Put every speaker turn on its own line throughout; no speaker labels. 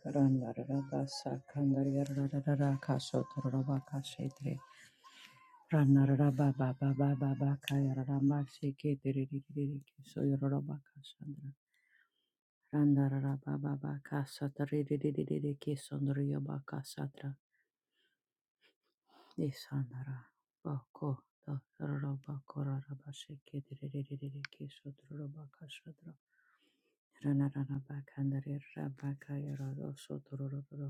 Karandarabasa kandariyarara kasotoraba kashetre. Ranaraba baba baba baka yararama sheketeriri kisoyoraba kashandra. baba kasatariri kisondriyoba kasatra. Isanara bako dotoraba koraraba sheketeriri kisotoraba kashandra. Ranaraba kandariraba kayarara sotoraba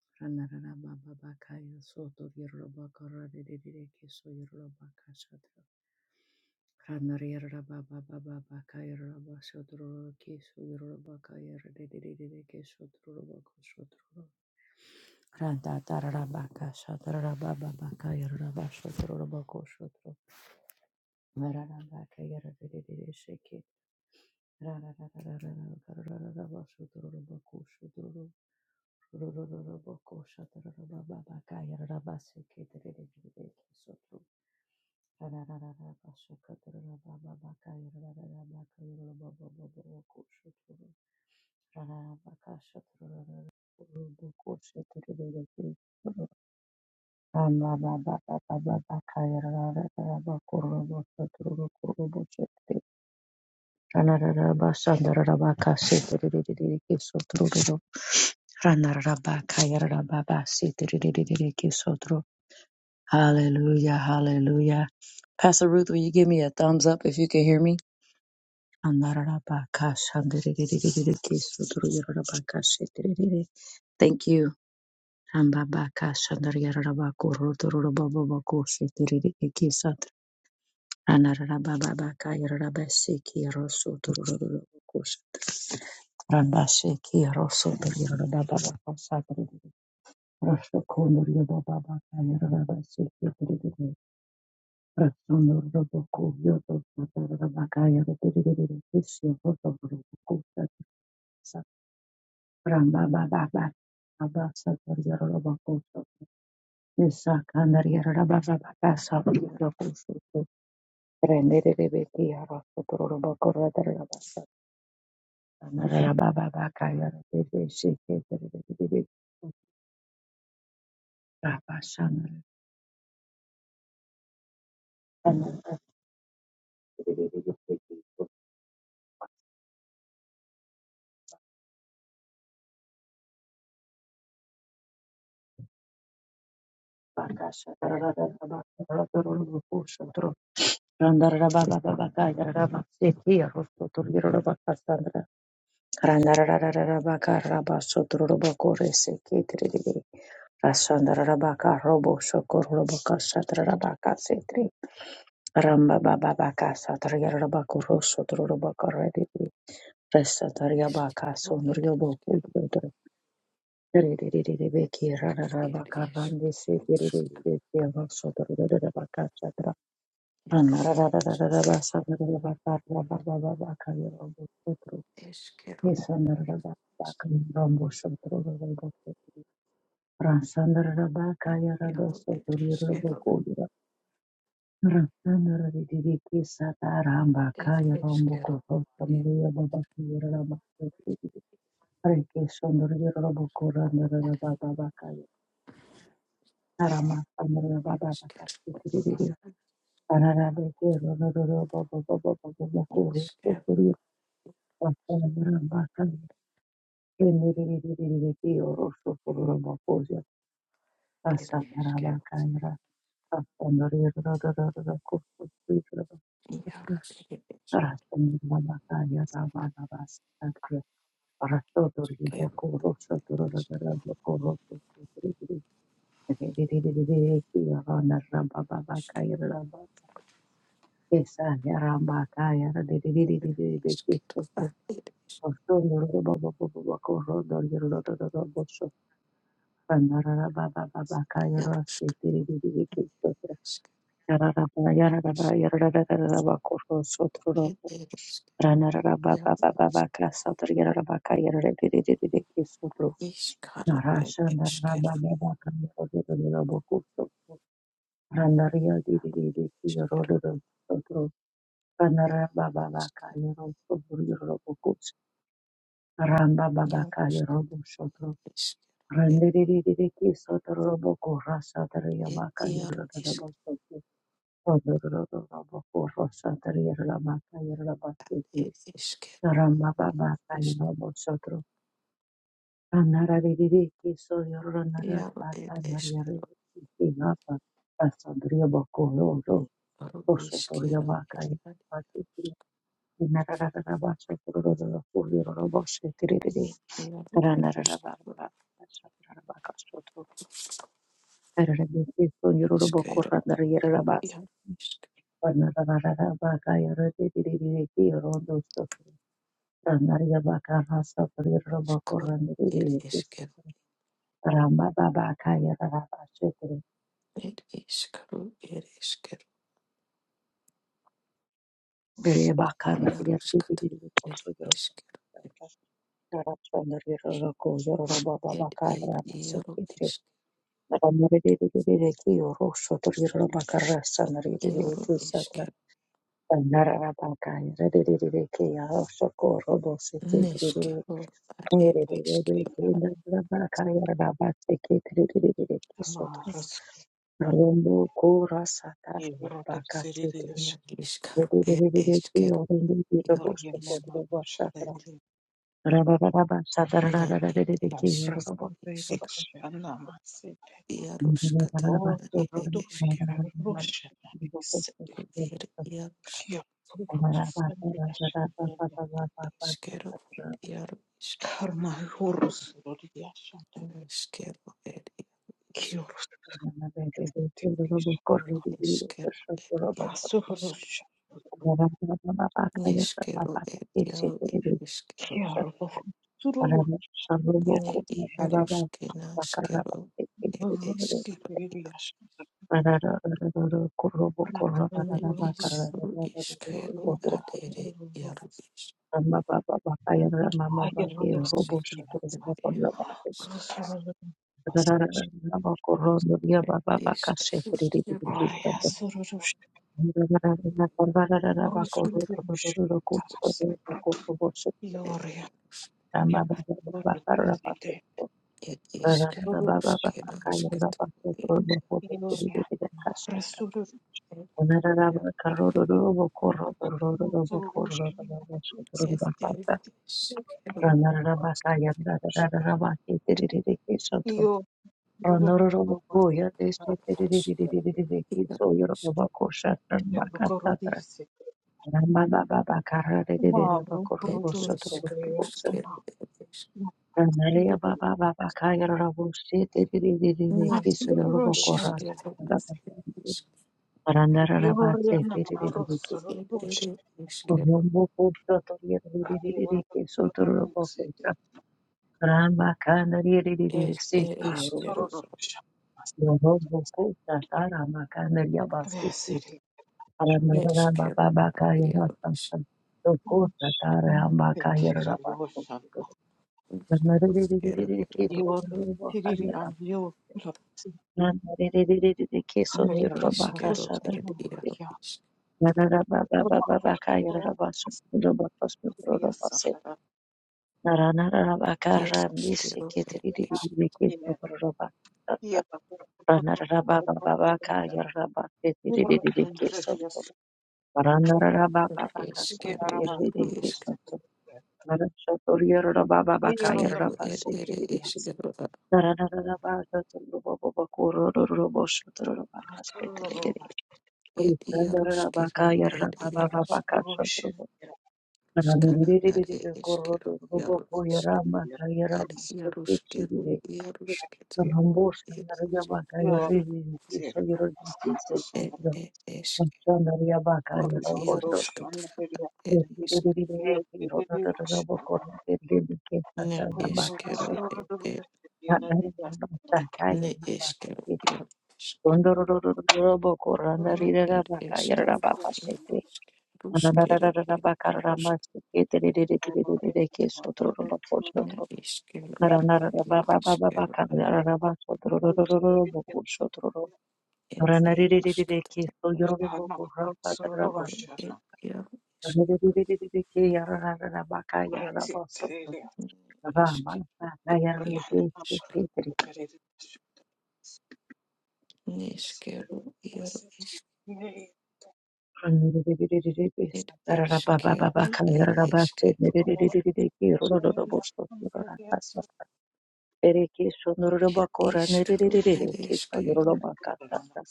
Ranarababa Randa Tarabaka Shatarababaka Yaraba Shotorobako Shotro Mararabaka Yaradiri Shiki Rararararaba Shotorobako Shotro Rororobako Shatarababaka Yaraba Siki Tiri Sotro Rarararaba Shakatarababaka Yarabaka Yarababako Shotro Rarabaka Shatarabako Shotro Ramba baba baba baba kaya rara rara bakuru bakuru bakuru bakuru rana rara basanda rara rana rana rara bakaya rara babasi tiri tiri tiri kiso turu. Hallelujah, hallelujah. Pastor Ruth, will you give me a thumbs up if you can hear me? Rana rara bakasha tiri tiri tiri tiri kiso turu rara bakasi tiri tiri. Thank you. Ramba bakasha rara rara bakuru turu rara bababakoshi tiri tiri kiso Ranarara baba Anarababaka Yarabasiki Rosso Tururus Rambasiki Rosso Tururababaka Sakri Rosso Konurio Babaka Yarabasiki Rasunur Roboku Yoto Rabaka Yarabiri Kisio Roto Roboku Rambababa Abasa Tururabako Nisa Kanar Yarababaka Sakri Rokusu Rendere Rebeki Rosso Tururabako Radarabasa Sanara Baba Bakaya Bebe Shake Baba Sanara Randara Baba Bakaya Rabba Seki Rostotur Yoruba Cassandra Randara Baka Rabba Sotur Robocore Seki Rasandra Rabaka Robo Sokor Roboca Satra Rabaka Setri Ramba baba baka satara yarabako rosso turu baka redi
Iskero ere
Rasandarabakaya
ad ed isk iskero iaro ed iskero ed iskero
Reke sondorere robokora
iaro
ndarara
ed
baba bakaya. Arama sondorere baba
iskero
bakaya. Arara beke rororo baba baba baba bakuru.
iskero
Sokuru basandara bakaya. Kenerere kio rosso kororo bakoja.
ed
Asandara
iskero
bakaya. Asandorere rororo kurso sitra
iaro
bakaya.
ed iskero
Arasandara bakaya baba bakaya rara baba sakaya. Arasodorere
iskero iskero
bakuru. Sokuru rororo bakuru. Narasha naraba baba kaya
ad ed iaro isk isk isk ed iskero ed iskero
rodero robo kusto Randaria di di diri
iskero
rodoro rodoro ranara baba baka
iskero
yoro soburu yoro bokus ramba baba
iaro
ka
isk
yoro bosotro
iskero
randiri diri diri sotro roboko rasa tere
It
yabaka
iaro
yoro rodoro do
isk
bo sotro rodo do rodoro roboko rasa tere yoro baka yoro bosotro
it iskero
ramba baba
iaro
ka
isk
yoro bosotro ranara diri diri so yoro ranara
iaro
baka
it
nari yoro
iskero
ki napa Rasa boko
aro iskero it
osotoriabakaye
ad
bakekire inarararabasokororabakurororabasheterere
it iaro it iskero
ranararabarabasoto rarabekeso
iskero it
yororobokorandariyararabasa
iaro isk
vanarararabakayaraterererekiyorodosoto
iskaro it iskero
ranariyabakarasotoriororobokorandaririkesoto rambababakayararabashetere
it iskaro it iskero iaro skata it
berebakanariyarterererekosoyoro
iskero
Rambo
it it iaro isk iaro iskero niskero ad it iskero
Reiktinga
ad
Marus įrodo Sirijos
na iskaro it iskero iaro
vargina Marusha dailininkė
Thank
na ir iš išk
prasidairykščia namuose
jaruškata
o
na ir
rodo
iškeru
ruošiamės
ir jaruški
kiurus riešą
iškeru ir jaru išk
karma jūrus riešą
neškeru ir jaru išk
kiurus
iškeru ir jaru
asurus
išk neškeru ir jaru ir iškeru
kiurus surulu
ne
ir
iaroshk na neškeru ir
Vrasi
you.
iškeru
riešą
Baba
I get
ne
lost in
išru
the dark. I get
iškeru ad
lost in
ir
the dark.
jaru išk
I get
ir
lost in
iškeru
the dark. I get
ir jaru išk
lost in
Isk
the dark.
ruskero
I get lost in the dark. I get lost in
iskata isk
the dark. I get lost in the dark. I get lost in
ed isk
the dark. I get lost in the dark. I get lost in
ruskero
the dark. I get lost in the dark. I
iskata isk ed
Ramara
yar ed ed iskero isk yar isk
get lost in the dark.
Baba
Wow,
ed
produce
isk ruskero
sana.
ed isk nir ir
Aturushe.
iskero isk
Baba
Yoria na maruso
ed ed
rushe.
iskero
Rombo potra toria de de de de sotoro rombo
Yorororose.
potra rama cana de de de de
ed
se
ed
que
iskero
roposo
Aturushe.
rombo potra tara macana de abaste que
Veseri.
para nara
neskero
baba
ad
baka
yar
yora
isk
santa roko tara hamba
Monte
ka
tera
yora basto
rusha.
nara de de de
ruskero
de que
yar
sotoro
Yori
rombo
tiriri
cana
an yo. Rapsi.
ne
sotoro
Hayera
rombo
eskero
casa
ruso
ed
rukia.
yar
baba baba
Armato.
baka yora basto
Rukia sandara.
Narana
Iaro ed eskero
Yeah, but
eskero iaro eskero skero ed ere eskero a ed iaro skero ed iaro skana
Raririririri
ere
kororo
eskero iaro
ruboko
isk
yarama
ad
kayarama
iaro skero
seketirire
iaro skero
rambosa
ed
yarama kayariri kiso yororiki
ed
sekitira
ed eskero
machana yarama
iaro
kayaromboso to
skero ed isk
raririririri kirororo ruboko rindiriri
na
kesata nama
eskero
kasete
ed ed
rarama
ne
kayarama
eskero
sekitira
iaro isk
rondororo ruboko
na ed eskero
Rama
skero ed Ne iškeliu ir iškeliu ir jau iškeliu ir jau iškeliu iškeliu ir jau iškeliu neiškeliu ir iškeliu ir iškeliu ir iškeliu
Bereke sonororoba
ir
kora
iškeliu
nerererere
ir
ke
iškeliu
sonororoba katata.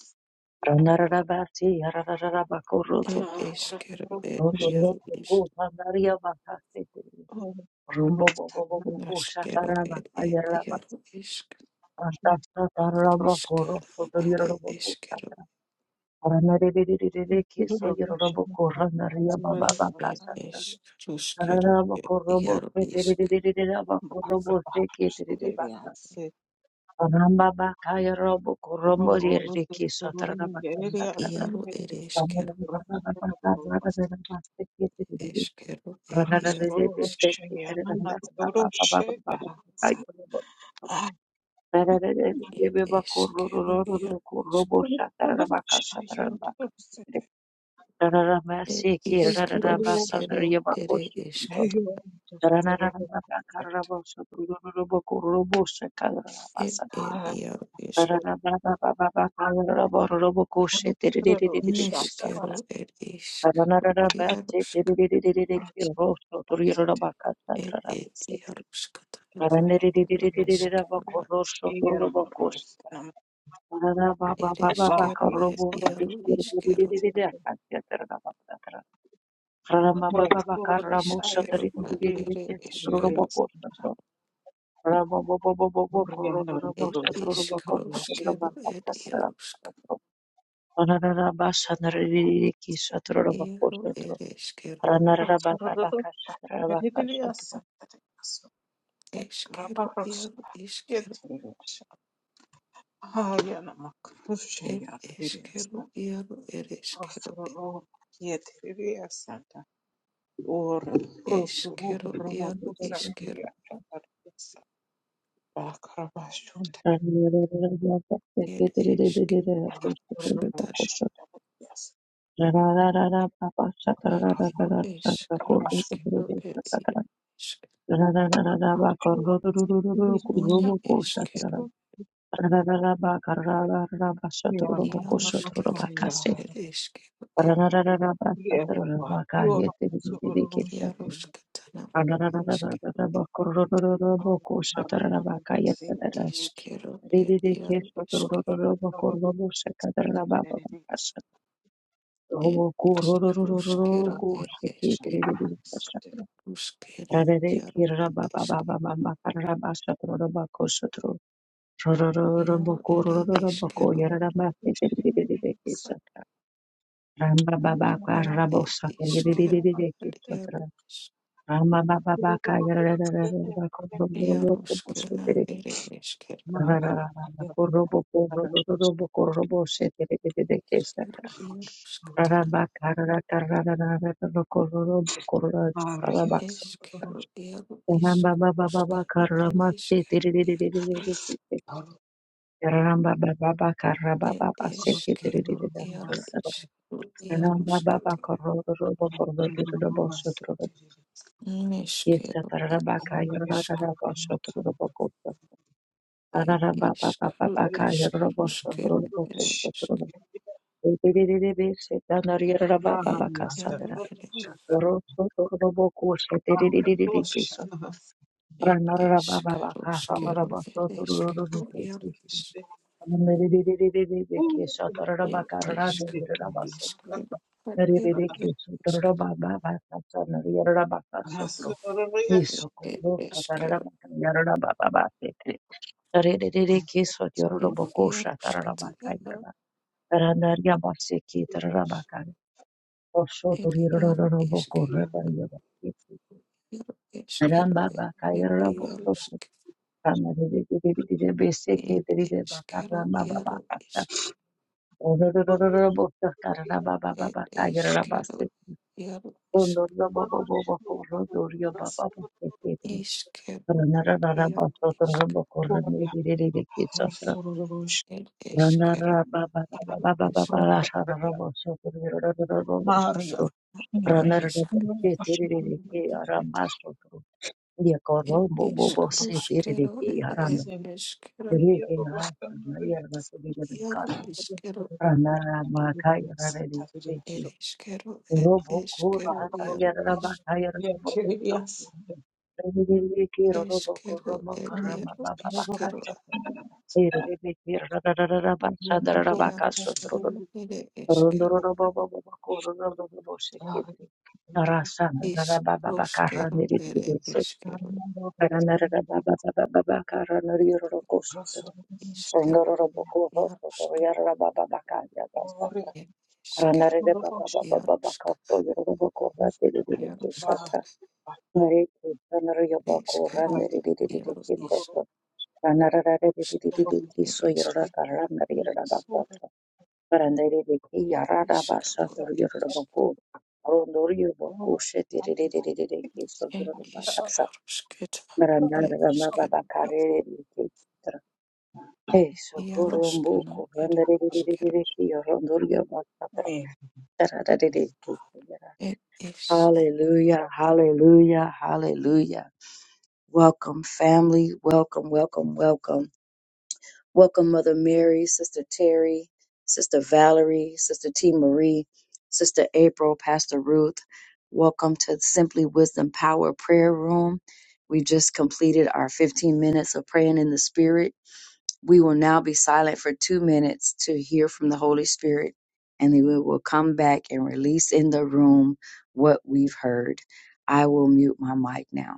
Ranararabasi yarararaba koro
ir
sotoro.
iškeliu ir jau
Rondoroko ko
iškeliu
pandaria bakase tere. Rombo bo bo bo bo ko
neškeliu
shataraba
ir ir
ayaraba.
jau iškeliu
Antasta taraba koro
iškeliu ir
sotororobo ko
iškeliu
tata. Ranarererere ke sonororobo kora naria baba
ir ir
bakasata.
iškeliu iškeliu
Ranararaba
ir
korobo
jau
se terererere baba korobo se ke terereba. Ramba bakaya robo kurombo
Oh, the
ririki sotrara
thundering
baka
geyser
satrara
sends
Iaro ere
a
samara
eskero,
roar
baka baka samara
across the
dana baka kiti
eskero, ed iaro,
dede
esk-
seki
ocean.
tere
I'm
rana
not
rana
the
baka baka
ocean, but I'm the sea.
kayo robo
I'm
rana dede
ed
beba kuru
eskero,
ruru ruru
iaro, esk-
kurobo satrara
the
baka
ocean,
satrara baka rana rana
ed
seki rana rana
iskro,
basa
skero,
nariya bako
ere
siki
eskero,
rana rana robo sotrara robo
ed ed iaro, esk,
Rabba
but I'm not
neskero, ed isk, iaro, sk, ed ed iaro, skatana, an, ere eskero, a, ere eskero, ed iaro, iskero,
the
a,
sea. Murakura saga
iskero, ad,
uri
ere eskero,
itegereza Oriana
ed
Rudolph
iskro, skero, ed iaro, sk.
Ra ra ra ba sa ra ra ra ki sa tro ra ba ko sa
Iero
tro
ere
ra
eskero
ra ra
ed
ba ka ka sa ra ra ba ka sa tro ra
eskero iero iskero
Hayana makrusha
ed
yarabiriyasa
eskero iero ere eskero ed
rosoro yetiriyasata ora rosoro
eskero iero
romarusa
iskero
yarabiriyasa bakarabashunda
ra ra ra ra ra ra ra ra ra
ed eskero
ra ra ko
skatara
sa tro
yarabiriyasa
ra ra ra ra ba ko sa tro ra
ed eskero skero ed iero eskero
ra ra ra
ne eskero
ba ka ra ra ra ra ba sa tro ra ba ko
iero
sa tro ra ba
skero
ka si
ed eskero ed
Ramba
iero skatara ed eskero eskero ed iero iskero ed eskero skero ed eskero Uskere yaro eske yaro ere eskero
baba kwa
ad
rabo
ed
sako
iskero
yedididididiki
ad yaro is-
Rama Baba baka Ramba
yaro skena ere esker iskero yaro skatana
Maria Soroboro,
eskero yaro isk skana ere eskero yaro e ed eskero yaro
Basset,
iskero yaro skatana
Yes,
neskero ad
Tararabaka,
isk
Yararabasho, Yes,
ed
of
iskero iskero skere ere isk ed
Maria
yaro ere It is Karuskero, it is Kero, Yarvis, it is Karuskero, it is it is Kero,
course. Rerere keswa
it
yororobokosha
Yaruskatara,
tararabakairara. Ranaria baseke tararabakare. Osho
it Yaru is
toriroroboko
Kero,
rataria baseke.
Yaru is
Ramba
Kero, it
bakairara bosoto.
Yarusk,
Kamarerere beseke
it
terire
is Kero,
bakaramba
Yaru
babakata.
is
Orororoboko
it is
tararababakairara
Kero,
baseke.
Yaru is
Onoroboboboko rodorio bababaseke.
is Kero, and
Ranararara
Yaru
basoto
is
roboko ranarirere keswa
Rosorororosha,
it is Kero,
Ranara baba
Yaru
baba baba
is
baba
Rosaria,
sotro
Maria,
sotro
Shimore,
it
ranara
is
robo ke tere re ke ara mas sotro ye koro
El iscaruskero,
no
el esquero, iaro isquero,
ranara ma ka ye ra re re se
el isquero, el
robo
esquero, iaro is,
sotro re robo ko
esquero,
robo ka
el
ra ma ba
iaro
ba ba
isquero,
Rosorororosha,
sotro
iaroscano, el
Rondoro
esquero,
roba roba roba ko. Rondoro roba shakidri. Narasa na na ba ba ba kara
iscaruskero,
niri digul.
el
So
esquero,
na na na ba ba ba ba ba kara nuri ro ro ko shatro.
isquero,
Rondoro roba ko ro ro ro
iaroscano,
yar ba ba ba kadiyadras bata.
el
Na na
esquero,
na ba ba ba ba ba karo
iaroscana,
yoro ko ko lati di di di sa
iaroscata,
Baha
tra. Na di di na na yo ba
el
ko na
esquero,
bahari
niri di di di di
iaro
di sa
is,
tra.
msororo
Na na na na di di di
wa
di di
maji
di
el
so
esquero,
yoro tarra na yira bata.
mzuri
Barandarireke
el
yarara basandoro
iscaro,
yororobaku arondoro yororobaku shetirererereke sondoro
Ed
bakasa
iskerusketa,
barandara
ere
rama
iskeru,
baba karerereke tra eso horombo
iaroskana, ere iskeru,
kurandarirereke yorondoro yorbakatra tararereke yara.
ed is.
Hallelujah, hallelujah, hallelujah. Welcome, family. Welcome, welcome, welcome. Welcome, Mother Mary, Sister Terry, Sister Valerie, Sister T. Marie, Sister April, Pastor Ruth. Welcome to Simply Wisdom Power Prayer Room. We just completed our 15 minutes of praying in the Spirit. We will now be silent for two minutes to hear from the Holy Spirit, and then we will come back and release in the room what we've heard. I will mute my mic now.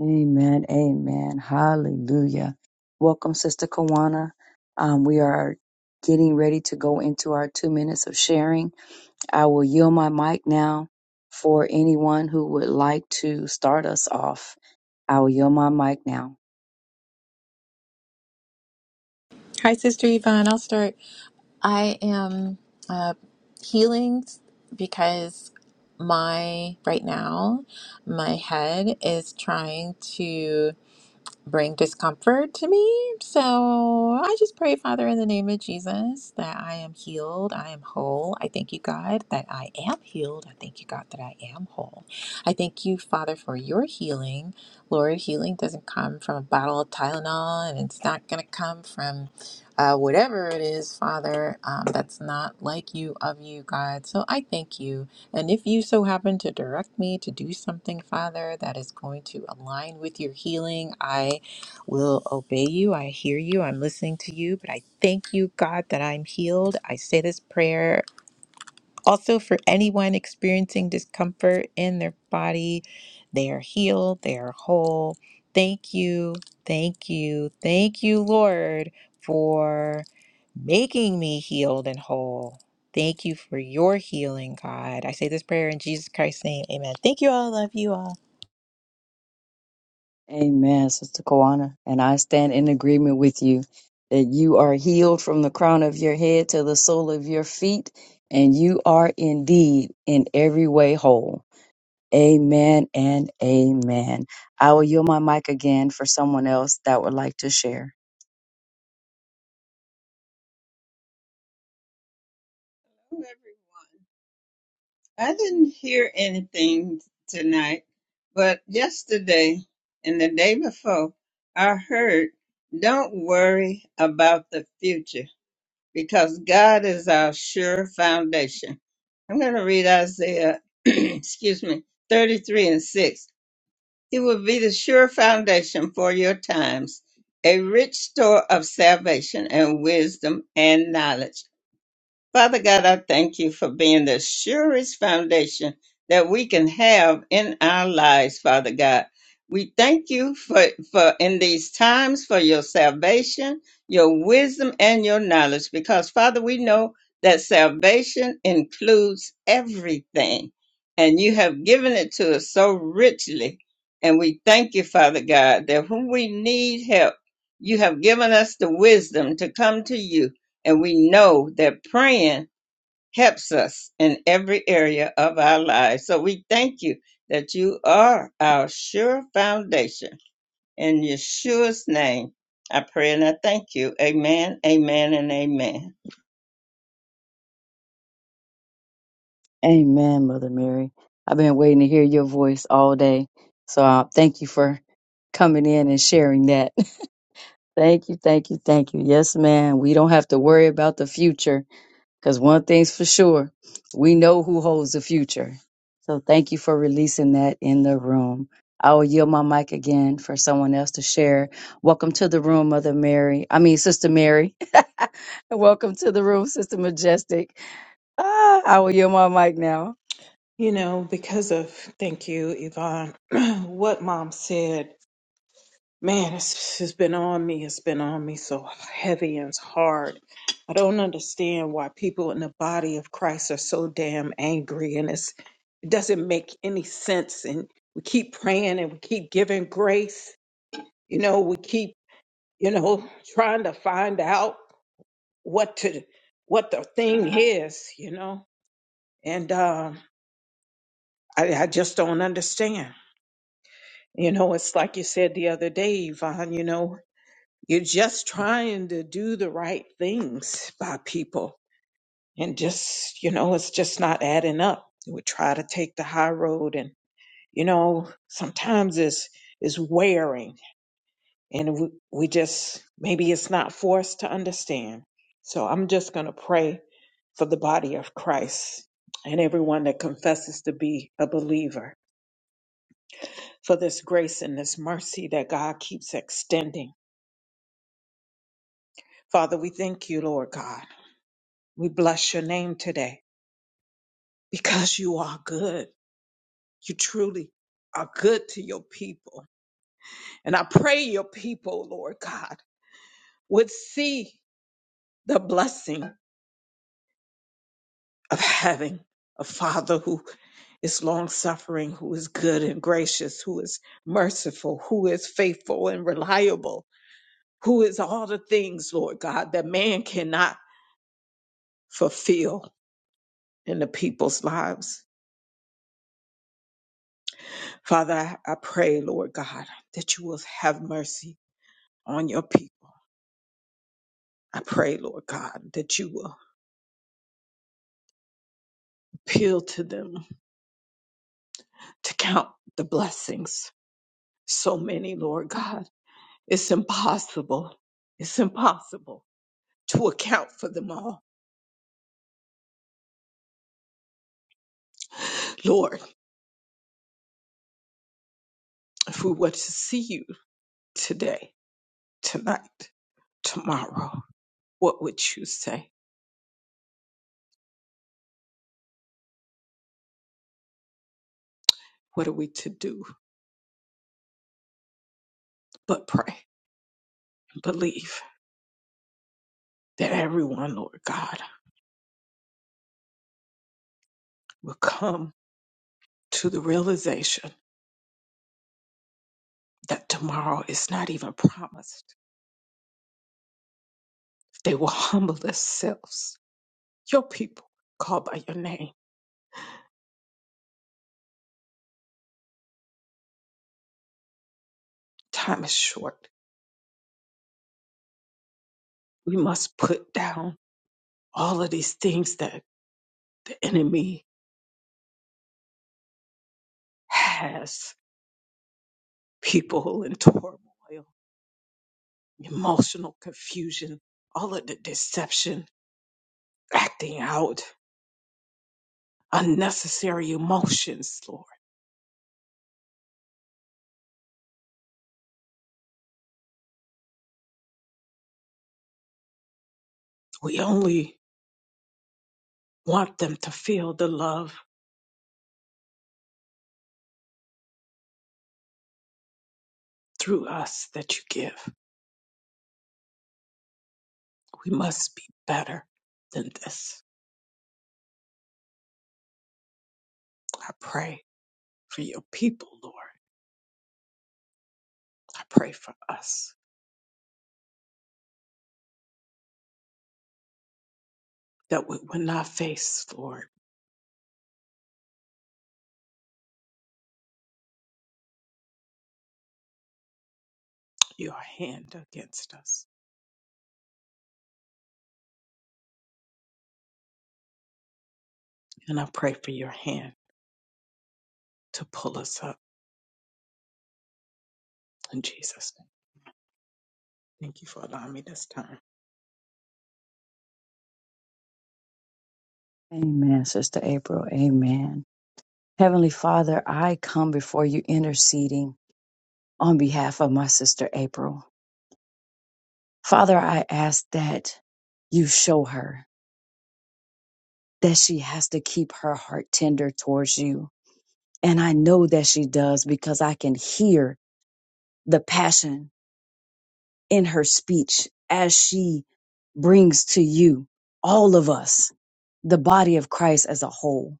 Amen. Amen. Hallelujah. Welcome, Sister Kawana. Um, we are getting ready to go into our two minutes of sharing. I will yield my mic now for anyone who would like to start us off. I will yield my mic now.
Hi, Sister Yvonne. I'll start. I am uh, healing because my, right now, my head is trying to bring discomfort to me. So I just pray, Father, in the name of Jesus, that I am healed, I am whole. I thank you, God, that I am healed. I thank you, God, that I am whole. I thank you, Father, for your healing. Lord, healing doesn't come from a bottle of Tylenol, and it's not going to come from uh, whatever it is, Father, um, that's not like you, of you, God. So I thank you. And if you so happen to direct me to do something, Father, that is going to align with your healing, I will obey you. I hear you. I'm listening to you. But I thank you, God, that I'm healed. I say this prayer also for anyone experiencing discomfort in their body. They are healed. They are whole. Thank you. Thank you. Thank you, Lord, for making me healed and whole. Thank you for your healing, God. I say this prayer in Jesus Christ's name. Amen. Thank you all. Love you all.
Amen, Sister Kawana. And I stand in agreement with you that you are healed from the crown of your head to the sole of your feet, and you are indeed in every way whole. Amen and amen. I will yield my mic again for someone else that would like to share.
Hello, everyone. I didn't hear anything tonight, but yesterday and the day before, I heard, don't worry about the future because God is our sure foundation. I'm going to read Isaiah, excuse me, 33 and 6. He will be the sure foundation for your times, a rich store of salvation and wisdom and knowledge. Father God, I thank you for being the surest foundation that we can have in our lives, Father God. We thank you for, for in these times for your salvation, your wisdom, and your knowledge, because Father, we know that salvation includes everything, and you have given it to us so richly. And we thank you, Father God, that when we need help, you have given us the wisdom to come to you and we know that praying helps us in every area of our lives. So we thank you that you are our sure foundation. In Yeshua's name, I pray and I thank you. Amen, amen, and amen.
Amen, Mother Mary. I've been waiting to hear your voice all day. So uh, thank you for coming in and sharing that. thank you, thank you, thank you. Yes, ma'am. We don't have to worry about the future. Because one thing's for sure, we know who holds the future. So thank you for releasing that in the room. I will yield my mic again for someone else to share. Welcome to the room, Mother Mary. I mean, Sister Mary. And Welcome to the room, Sister Majestic. Ah, I will yield my mic now.
You know, because of, thank you, Yvonne, what mom said, man, it's, it's been on me. It's been on me so heavy and it's hard. I don't understand why people in the body of Christ are so damn angry and it's, it doesn't make any sense. And we keep praying and we keep giving grace you know we keep you know trying to find out what to what the thing is you know and um I, I just don't understand you know it's like you said the other day yvonne you know you're just trying to do the right things by people and just you know it's just not adding up we try to take the high road and you know sometimes it's it's wearing and we, we just maybe it's not for us to understand. So I'm just going to pray for the body of Christ and everyone that confesses to be a believer for this grace and this mercy that God keeps extending. Father, we thank you, Lord God. We bless your name today because you are good. You truly are good to your people. And I pray your people, Lord God, would see the blessing of having a father who is long suffering, who is good and gracious, who is merciful, who is faithful and reliable, who is all the things, Lord God, that man cannot fulfill in the people's lives. Father, I, I pray, Lord God, that you will have mercy on your people. I pray, Lord God, that you will appeal to them to count the blessings. So many, Lord God. It's impossible. It's impossible to account for them all. Lord, if we were to see you today, tonight, tomorrow, what would you say? What are we to do but pray and believe that everyone, Lord God, will come to the realization that tomorrow is not even promised. They will humble themselves. Your people, called by your name, time is short. We must put down all of these things that the enemy has people in turmoil, emotional confusion, all of the deception, acting out, unnecessary emotions, Lord. We only want them to feel the love through us that you give. We must be better than this. I pray for your people, Lord. I pray for us that we will not face, Lord, your hand against us. And I pray for your hand to pull us up in Jesus' name. Thank you for allowing me this time.
Amen, Sister April. Amen. Heavenly Father, I come before you interceding on behalf of my sister April. Father, I ask that you show her. that she has to keep her heart tender towards you. And I know that she does because I can hear the passion in her speech as she brings to you, all of us, the body of Christ as a whole.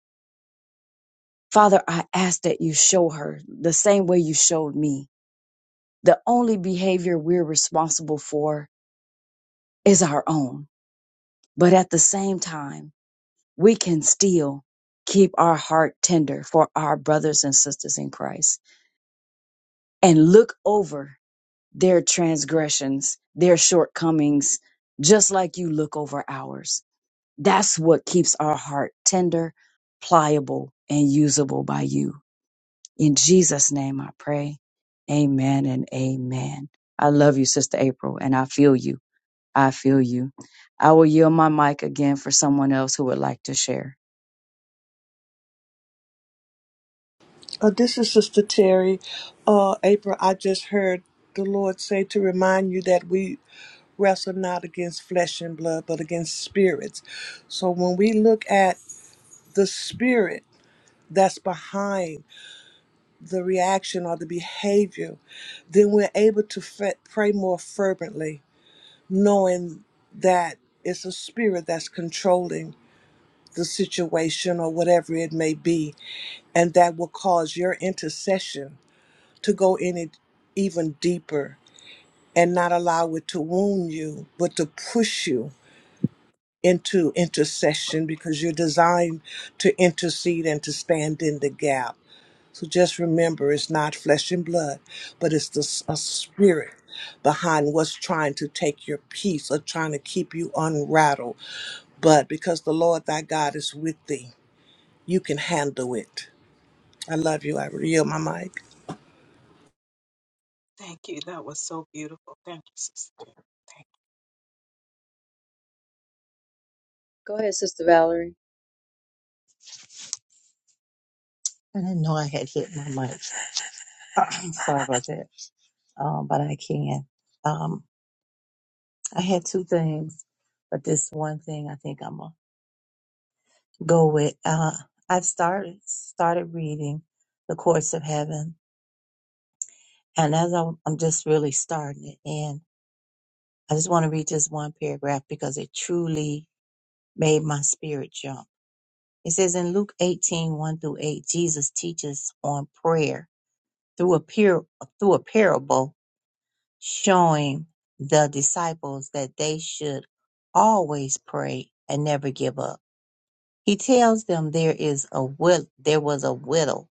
Father, I ask that you show her the same way you showed me. The only behavior we're responsible for is our own. But at the same time, we can still keep our heart tender for our brothers and sisters in Christ. and look over their transgressions, their shortcomings, just like you look over ours. That's what keeps our heart tender, pliable, and usable by you. In Jesus' name I pray. Amen and amen. I love you, Sister April, and I feel you. I feel you. I will yield my mic again for someone else who would like to share.
Uh, this is Sister Terry. Uh, April, I just heard the Lord say to remind you that we wrestle not against flesh and blood, but against spirits. So when we look at the spirit that's behind the reaction or the behavior, then we're able to f- pray more fervently, knowing that it's a spirit that's controlling the situation or whatever it may be, and that will cause your intercession to go in it even deeper and not allow it to wound you, but to push you into intercession because you're designed to intercede and to stand in the gap. So just remember, it's not flesh and blood, but it's the s- a spirit behind what's trying to take your peace or trying to keep you unrattled. But because the Lord thy God is with thee, you can handle it. I love you. I yield my mic.
Thank you. That was so beautiful. Thank you, sister. Thank
Go ahead, Sister Valerie.
I didn't know I had hit my mic. I'm sorry about that. Um, but I can. Um, I had two things, but this one thing I think I'm gonna go with. Uh, I've started started reading The Courts of Heaven, and as I'm, I'm just really starting it, and I just want to read this one paragraph because it truly made my spirit jump. It says in Luke 18, one through 8, Jesus teaches on prayer through a, par- through a parable showing the disciples that they should always pray and never give up. He tells them there is a will, there was a widow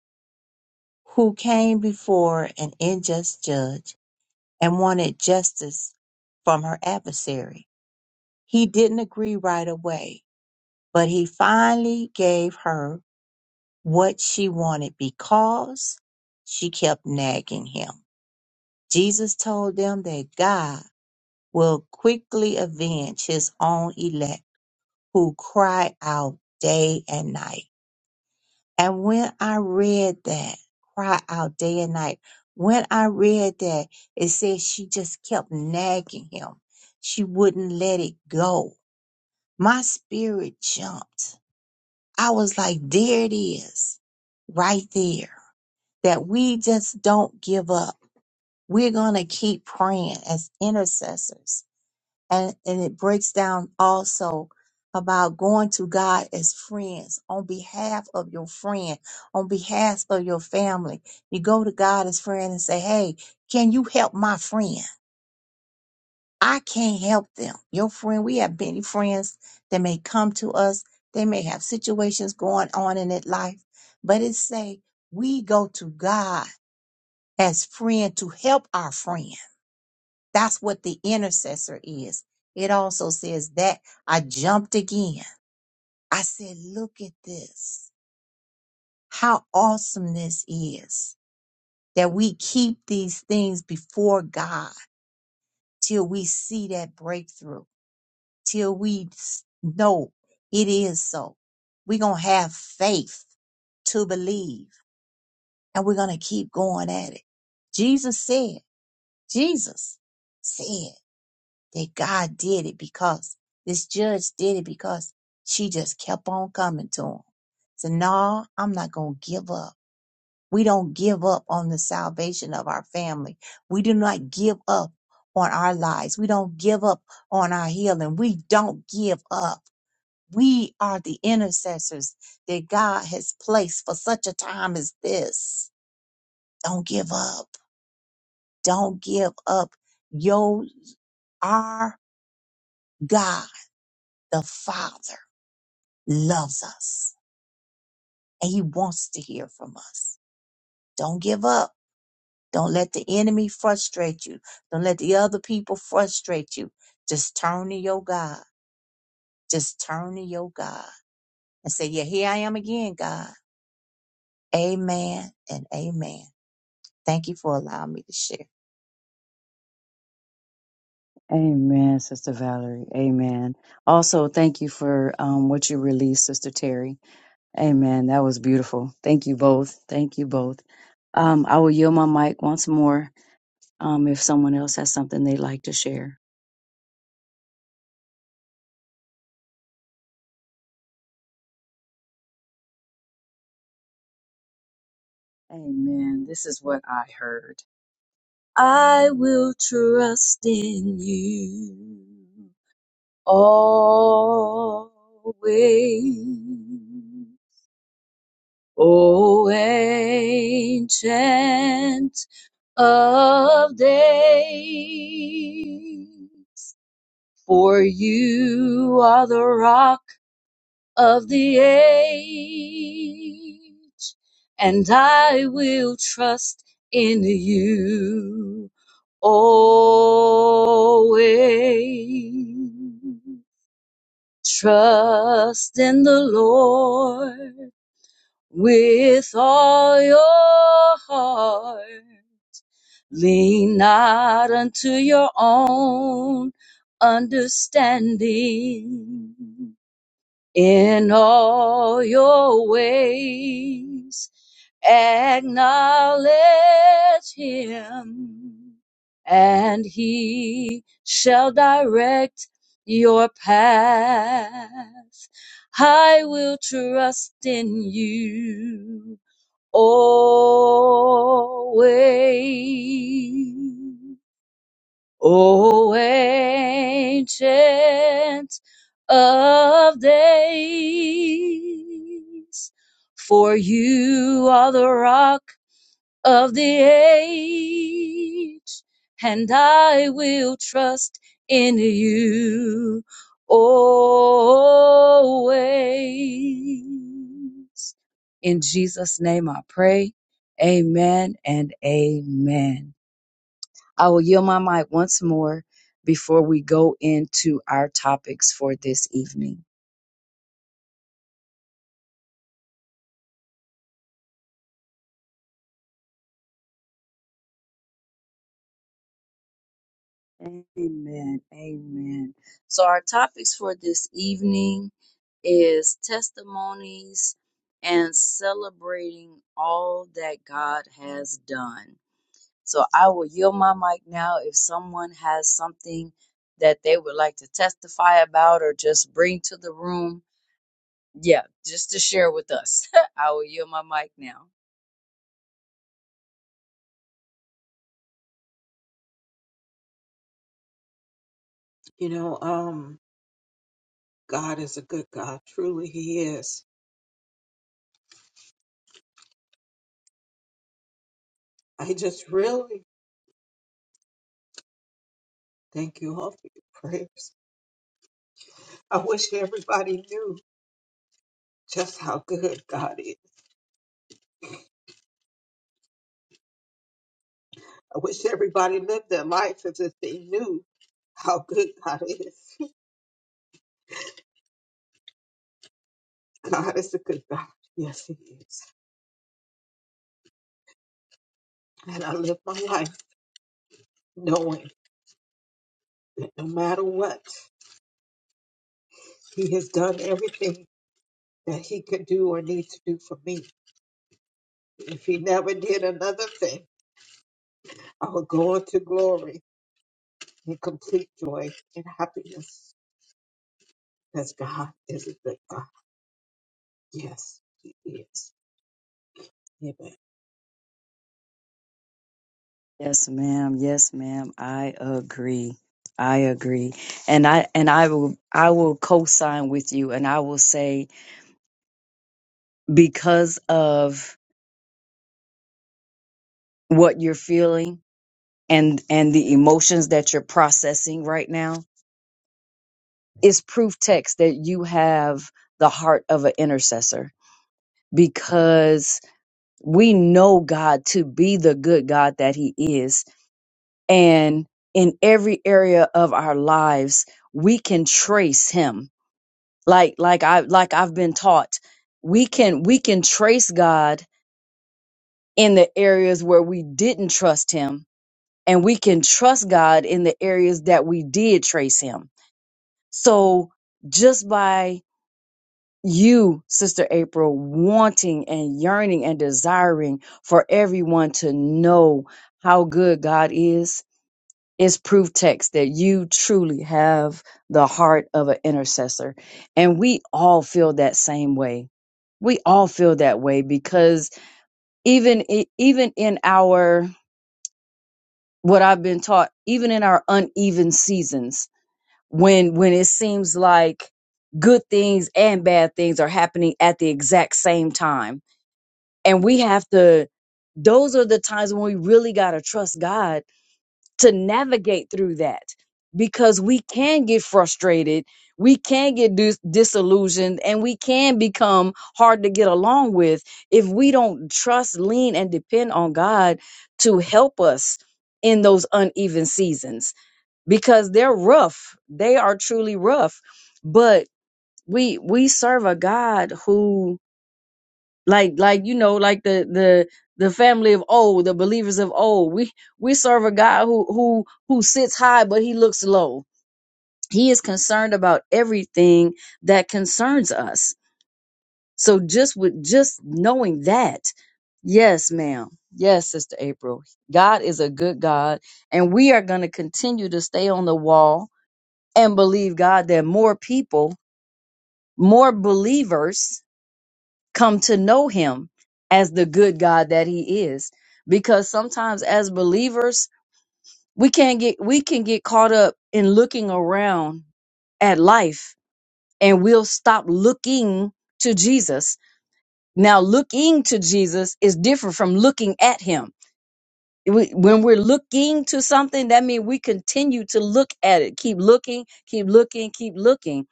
who came before an unjust judge and wanted justice from her adversary. He didn't agree right away, but he finally gave her what she wanted because she kept nagging him. Jesus told them that God will quickly avenge his own elect who cry out day and night. And when I read that, cry out day and night, when I read that, it says she just kept nagging him. She wouldn't let it go. My spirit jumped. I was like, there it is, right there, that we just don't give up. We're going to keep praying as intercessors and, and it breaks down also about going to God as friends on behalf of your friend, on behalf of your family. You go to God as friend and say, Hey, can you help my friend? I can't help them. Your friend, we have many friends that may come to us. They may have situations going on in their life, but it say we go to God as friend to help our friend. That's what the intercessor is. It also says that I jumped again. I said, look at this. How awesome this is that we keep these things before God till we see that breakthrough, till we s- know it is so. We're going to have faith to believe and we're going to keep going at it. Jesus said, Jesus said. that God did it because this judge did it because she just kept on coming to him. So, no, I'm not going to give up. We don't give up on the salvation of our family. We do not give up on our lives. We don't give up on our healing. We don't give up. We are the intercessors that God has placed for such a time as this. Don't give up. Don't give up. Yo, our God, the Father. loves us and he wants to hear from us. Don't give up. Don't let the enemy frustrate you. Don't let the other people frustrate you. Just turn to your God. Just turn to your God and say, Yeah, here I am again, God. Amen and amen. Thank you for allowing me to share.
Amen, Sister Valerie. Amen. Also, thank you for um, what you released, Sister Terry. Amen. That was beautiful. Thank you both. Thank you both. Um, I will yield my mic once more um, if someone else has something they'd like to share. Amen. This is what I heard. I will trust in you always. Oh, ancient of day. For you are the rock of the age, and I will trust in you always. Trust in the Lord with all your heart Lean not unto your own understanding in all your ways. Acknowledge him and he shall direct your path. I will trust in you Always, O ancient of days, for you are the rock of the age, and I will trust in you always. In Jesus' name I pray. Amen and amen. I will yield my mic once more before we go into our topics for this evening. Amen. Amen. So our topics for this evening is testimonies and celebrating all that God has done. So I will yield my mic now if someone has something that they would like to testify about or just bring to the room. Yeah, just to share with us. I will yield my mic now.
you. You know, um, God is a good God. Truly, He is. I just really thank you all for your prayers. I wish everybody knew just how good God is. I wish everybody lived their life as if they knew how good God is. God is a good God. Yes, He is. And I live my life knowing that no matter what, He has done everything that He could do or need to do for me. If he never did another thing, I will go into glory in complete joy and happiness because God is a good God. Yes, He is. Amen.
Yes, ma'am. Yes, ma'am. I agree. I agree. And I and I will I will co-sign with you and I will say because of what you're feeling and and the emotions that you're processing right now is proof text that you have the heart of an intercessor because we know God to be the good God that he is and in every area of our lives we can trace him like like I like I've been taught. We can we can trace God in the areas where we didn't trust him and we can trust God in the areas that we did trace him. So just by you, Sister April, wanting and yearning and desiring for everyone to know how good God is, Is proof text that you truly have the heart of an intercessor. And we all feel that same way. We all feel that way because even i- even in our what I've been taught, even in our uneven seasons, when when it seems like good things and bad things are happening at the exact same time. And we have to those are the times when we really got to trust God to navigate through that because we can get frustrated, we can get dis- disillusioned, and we can become hard to get along with if we don't trust, lean, and depend on God to help us in those uneven seasons because they're rough. They are truly rough, but we we serve a God who like like you know like the the the family of old the believers of old we we serve a god who who who sits high but he looks low he is concerned about everything that concerns us so just with just knowing that yes ma'am yes sister april god is a good god and we are going to continue to stay on the wall and believe god that more people more believers come to know him as the good God that he is. Because sometimes as believers, we can get we can get caught up in looking around at life and we'll stop looking to Jesus. Now looking to Jesus is different from looking at him. We- When we're looking to something, that means we continue to look at it. Keep looking, keep looking, keep looking.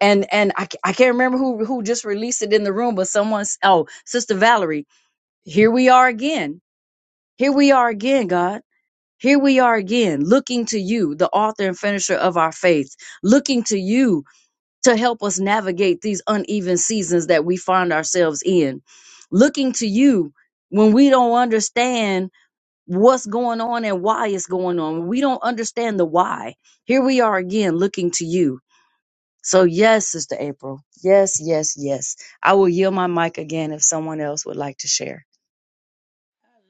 And and I, ca- I can't remember who who just released it in the room, but someone oh, Sister Valerie Here we are again. Here we are again, God. Here we are again, looking to you, the author and finisher of our faith, looking to you to help us navigate these uneven seasons that we find ourselves in, looking to you when we don't understand what's going on and why it's going on. When we don't understand the why. Here we are again, looking to you. So, yes, Sister April. Yes, yes, yes. I will yield my mic again if someone else would like to share.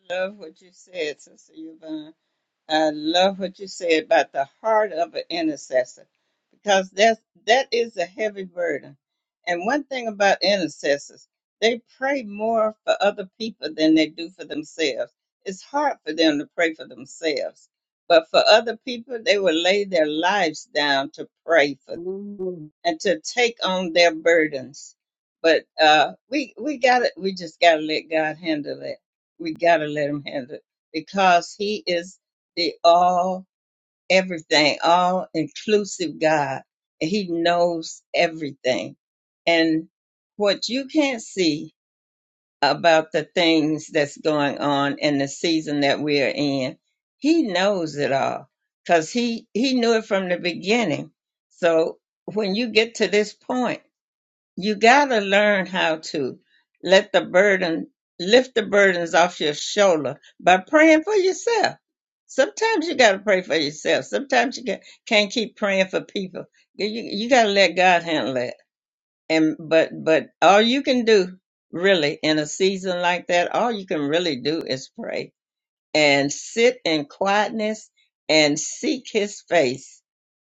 I love what you said, Sister Yvonne. I love what you say about the heart of an intercessor because that's, that is a heavy burden. And one thing about intercessors, they pray more for other people than they do for themselves. It's hard for them to pray for themselves, but for other people, they will lay their lives down to pray
Yes, I
for
love
and to take on their burdens. But uh, we we got to we just got to let God handle it. We got to let Him handle it because He is the all everything, all inclusive God, and He knows everything. And what you can't see about the things that's going on in the season that we are in. He knows it all because he, he knew it from the beginning. So when you get to this point, you got to learn how to let the burden, lift the burdens off your shoulder by praying for yourself. Sometimes you got to pray for yourself. Sometimes you ca- can't keep praying for people. You, you got to let God handle that and but but all you can do really in a season like that all you can really do is pray and sit in quietness and seek his face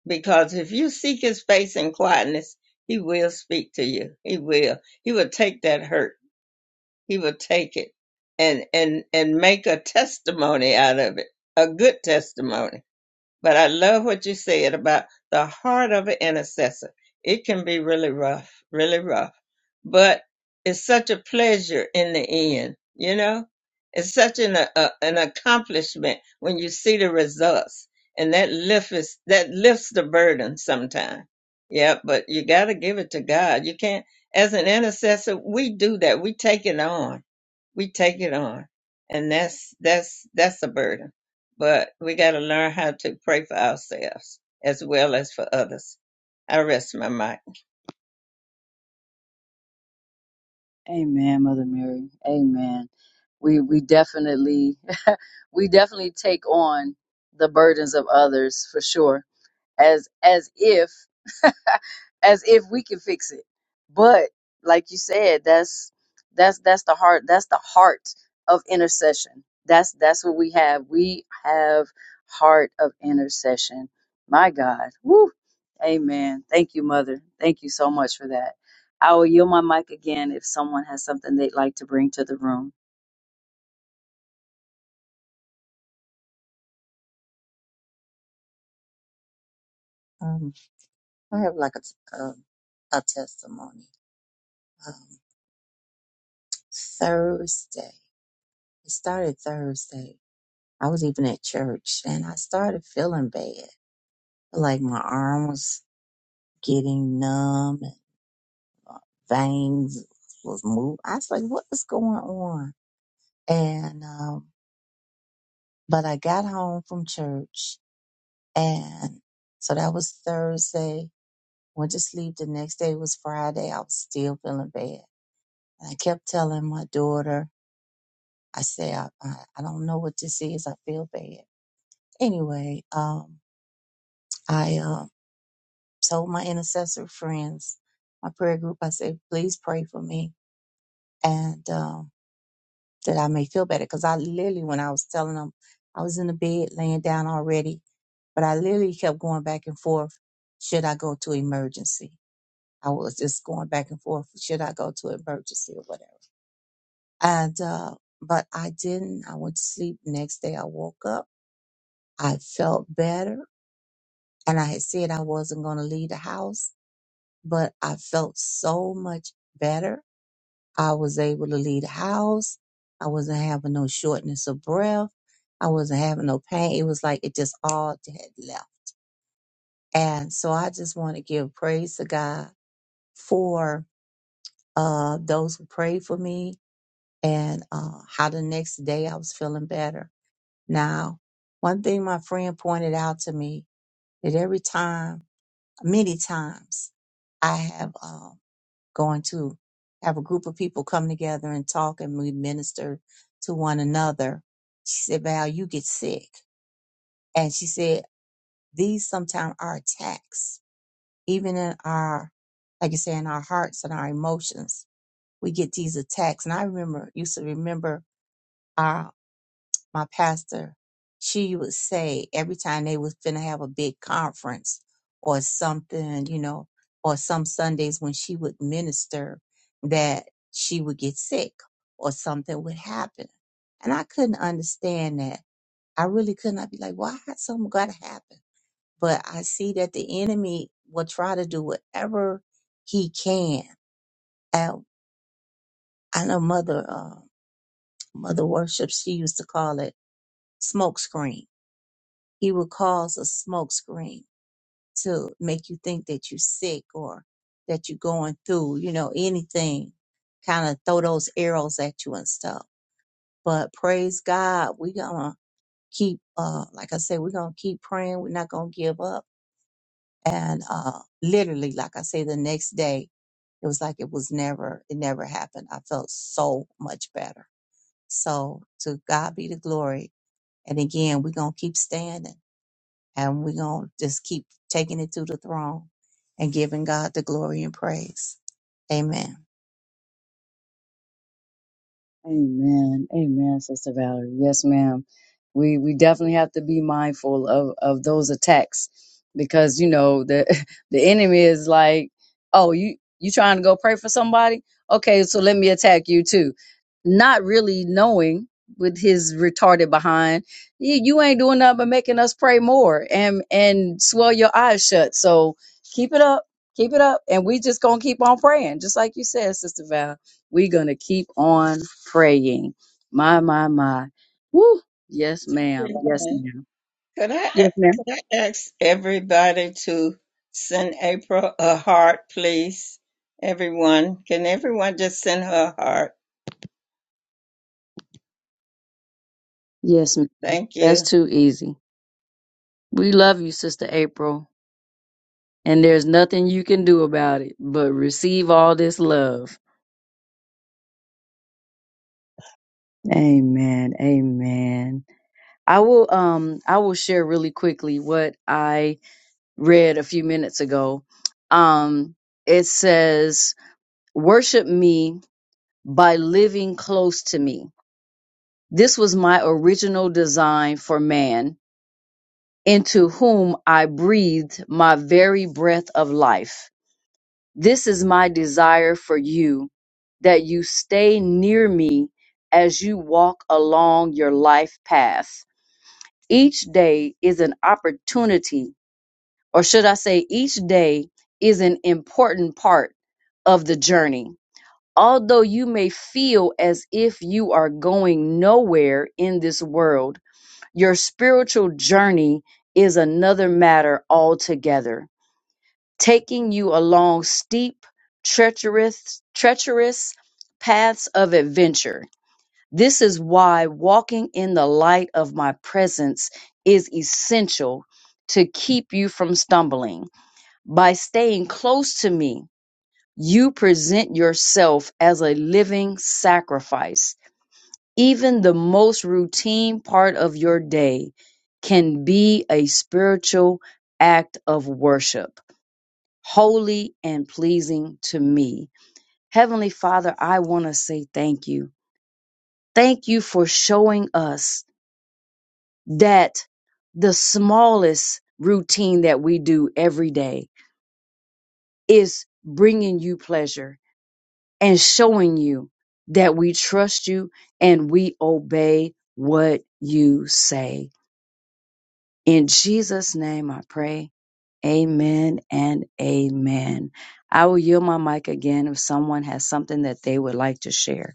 because if you seek his face in quietness he will speak to you he will he will take that hurt he will take it and and and make a testimony out of it a good testimony but I love what you said about the heart of an intercessor. It can be really rough, really rough, but it's such a pleasure in the end, you know? It's such an, a, an accomplishment when you see the results and that lifts that lifts the burden sometimes. Yeah, but you got to give it to God. You can't, as an intercessor, we do that. We take it on we take it on and that's that's that's a burden but we got to learn how to pray for ourselves as well as for others i rest my mind
Amen, Mother Mary. Amen. We we definitely we definitely take on the burdens of others for sure as as if as if we can fix it but like you said that's that's that's the heart that's the heart of intercession that's that's what we have we have heart of intercession my god Woo. amen thank you mother thank you so much for that i will yield my mic again if someone has something they'd like to bring to the room
Um, I have like a, um, a testimony. Um, Thursday, it started Thursday. I was even at church and I started feeling bad. Like my arm was getting numb and veins was moved. I was like, what is going on? And, um, but I got home from church and so that was Thursday. Went to sleep. The next day was Friday. I was still feeling bad. And I kept telling my daughter, I said, I, I, I don't know what this is. I feel bad. Anyway, um, I, uh, told my intercessor friends, my prayer group, I said, please pray for me. And, um that I may feel better. Because I literally, when I was telling them, I was in the bed laying down already, but I literally kept going back and forth. Should I go to emergency? I was just going back and forth. Should I go to emergency or whatever? And, uh, but I didn't. I went to sleep. Next day I woke up. I felt better. And I had said I wasn't going to leave the house, but I felt so much better I was able to leave the house. I wasn't having no shortness of breath. I wasn't having no pain. It was like it just all had left. And so I just want to give praise to God for uh, those who prayed for me and uh, how the next day I was feeling better. Now, one thing my friend pointed out to me that every time, many times, I have. um. going to have a group of people come together and talk and we minister to one another. She said, Val, you get sick. And she said, these sometimes are attacks, even in our, like you say, in our hearts and our emotions. We get these attacks. And I remember, used to remember my pastor, she would say every time they was finna have a big conference or something, you know, or some Sundays when she would minister that she would get sick or something would happen. And I couldn't understand that. I really couldn't. I'd be like, why had something got to happen? But I see that the enemy will try to do whatever he can. And I know mother, uh, mother worship, she used to call it smoke screen he will cause a smokescreen to make you think that you're sick or that you're going through, you know, anything, kind of throw those arrows at you and stuff. But praise God, we're going to keep, uh, like I said, we're going to keep praying. We're not going to give up. And, uh, literally, like I say, the next day, it was like it was never, it never happened. I felt so much better. So to God be the glory. And again, we're going to keep standing And we're going to just keep taking it to the throne and giving God the glory and praise. Amen.
Amen. Amen, Sister Valerie. Yes, ma'am. We we definitely have to be mindful of of those attacks because you know the the enemy is like, oh, you you trying to go pray for somebody? Okay, so let me attack you too. Not really knowing with his retarded behind, you, you ain't doing nothing but making us pray more and and swell your eyes shut. So keep it up, keep it up, and we just gonna keep on praying, just like you said, Sister Val. We're going to keep on praying. My, my, my. Woo. Yes, ma'am. Yes, ma'am.
could i
Yes, ma'am.
could i ask everybody to send april a heart please everyone can everyone just send her a heart
Yes, ma'am.
thank you
That's too easy. We love you, Sister April. And there's nothing you can do about it but receive all this love. Amen. Amen. I will um I will share really quickly what I read a few minutes ago. Um it says worship me by living close to me. This was my original design for man, into whom I breathed my very breath of life. This is my desire for you, that you stay near me as you walk along your life path. Each day is an opportunity, or should I say, each day is an important part of the journey. Although you may feel as if you are going nowhere in this world, Your spiritual journey is another matter altogether, taking you along steep, treacherous, treacherous paths of adventure. This is why walking in the light of my presence is essential to keep you from stumbling. By staying close to me, you present yourself as a living sacrifice even the most routine part of your day can be a spiritual act of worship, holy and pleasing to me. Heavenly Father, I want to say thank you. Thank you for showing us that the smallest routine that we do every day is bringing you pleasure and showing you that we trust you and we obey what you say. In Jesus' name I pray. Amen and amen. I will yield my mic again if someone has something that they would like to share.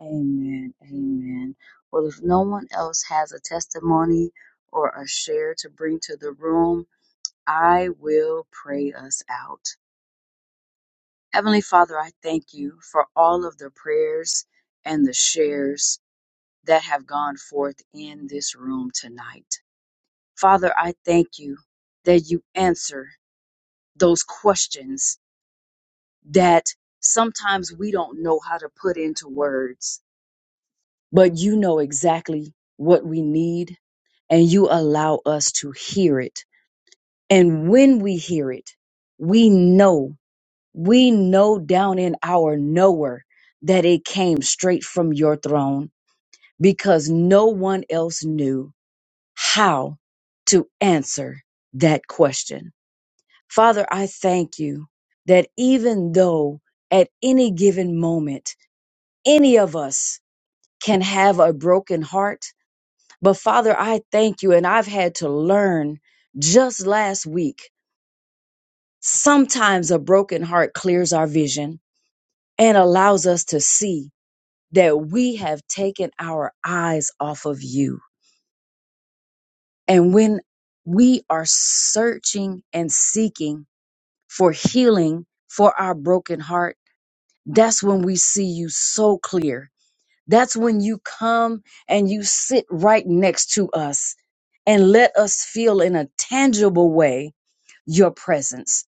Amen. Amen. Well, if no one else has a testimony or a share to bring to the room, I will pray us out. Heavenly Father, I thank you for all of the prayers and the shares that have gone forth in this room tonight. Father, I thank you that you answer those questions that sometimes we don't know how to put into words, but you know exactly what we need and you allow us to hear it. And when we hear it, we know, we know down in our knower that it came straight from your throne because no one else knew how to answer that question. Father, I thank you that even though at any given moment, any of us can have a broken heart, but Father, I thank you. And I've had to learn just last week, sometimes a broken heart clears our vision and allows us to see that we have taken our eyes off of you. And when we are searching and seeking for healing for our broken heart, That's when we see you so clear. That's when you come and you sit right next to us and let us feel in a tangible way your presence.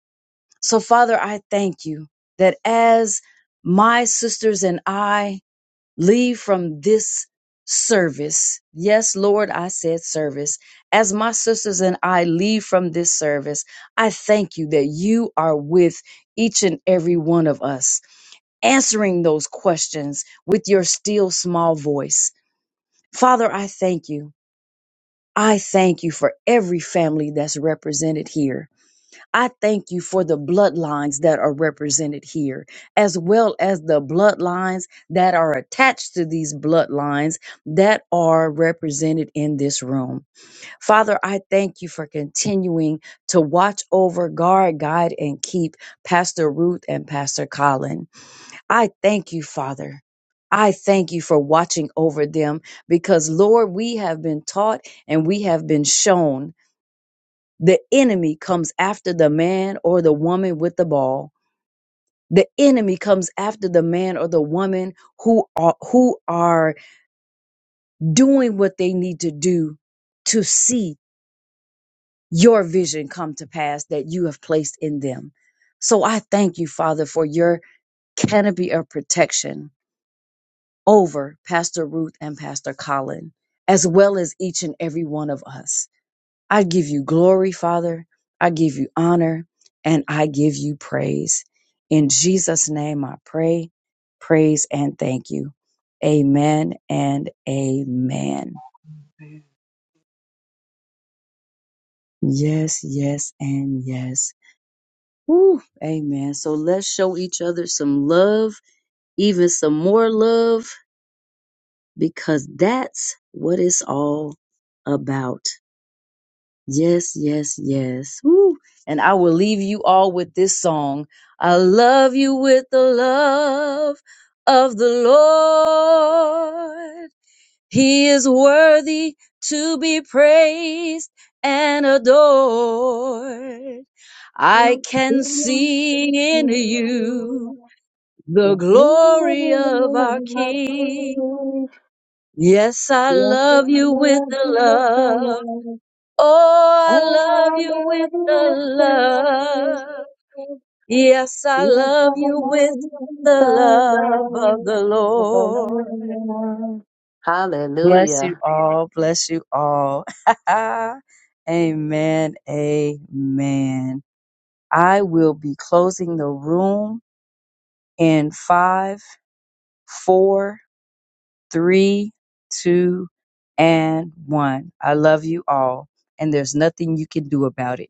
So, Father, I thank you that as my sisters and I leave from this service, yes, Lord, I said service, as my sisters and I leave from this service, I thank you that you are with each and every one of us answering those questions with your still small voice. Father, I thank you. I thank you for every family that's represented here. I thank you for the bloodlines that are represented here, as well as the bloodlines that are attached to these bloodlines that are represented in this room. Father, I thank you for continuing to watch over, guard, guide, and keep Pastor Ruth and Pastor Colin. I thank you, Father. I thank you for watching over them because, Lord, we have been taught and we have been shown the enemy comes after the man or the woman with the ball. The enemy comes after the man or the woman who are, who are doing what they need to do to see your vision come to pass that you have placed in them. So I thank you, Father, for your canopy of protection over Pastor Ruth and Pastor Colin, as well as each and every one of us. I give you glory, Father. I give you honor and I give you praise. In Jesus' name I pray, praise, and thank you. Amen and amen. Yes, yes, and yes. Woo, amen. So let's show each other some love, even some more love, because that's what it's all about. Yes, yes, yes. Woo. And I will leave you all with this song. I love you with the love of the Lord. He is worthy to be praised and adored. I can see in you the glory of our King. Yes, I love you with the
you,
love Oh, I love you with the love. Yes, I love you with the love of the
I love
Lord.
you.
Bless
Hallelujah.
you all. Bless you all. amen. Amen. I will be closing the room in five, four, three, two, and one. I love you all. And there's nothing you can do about it.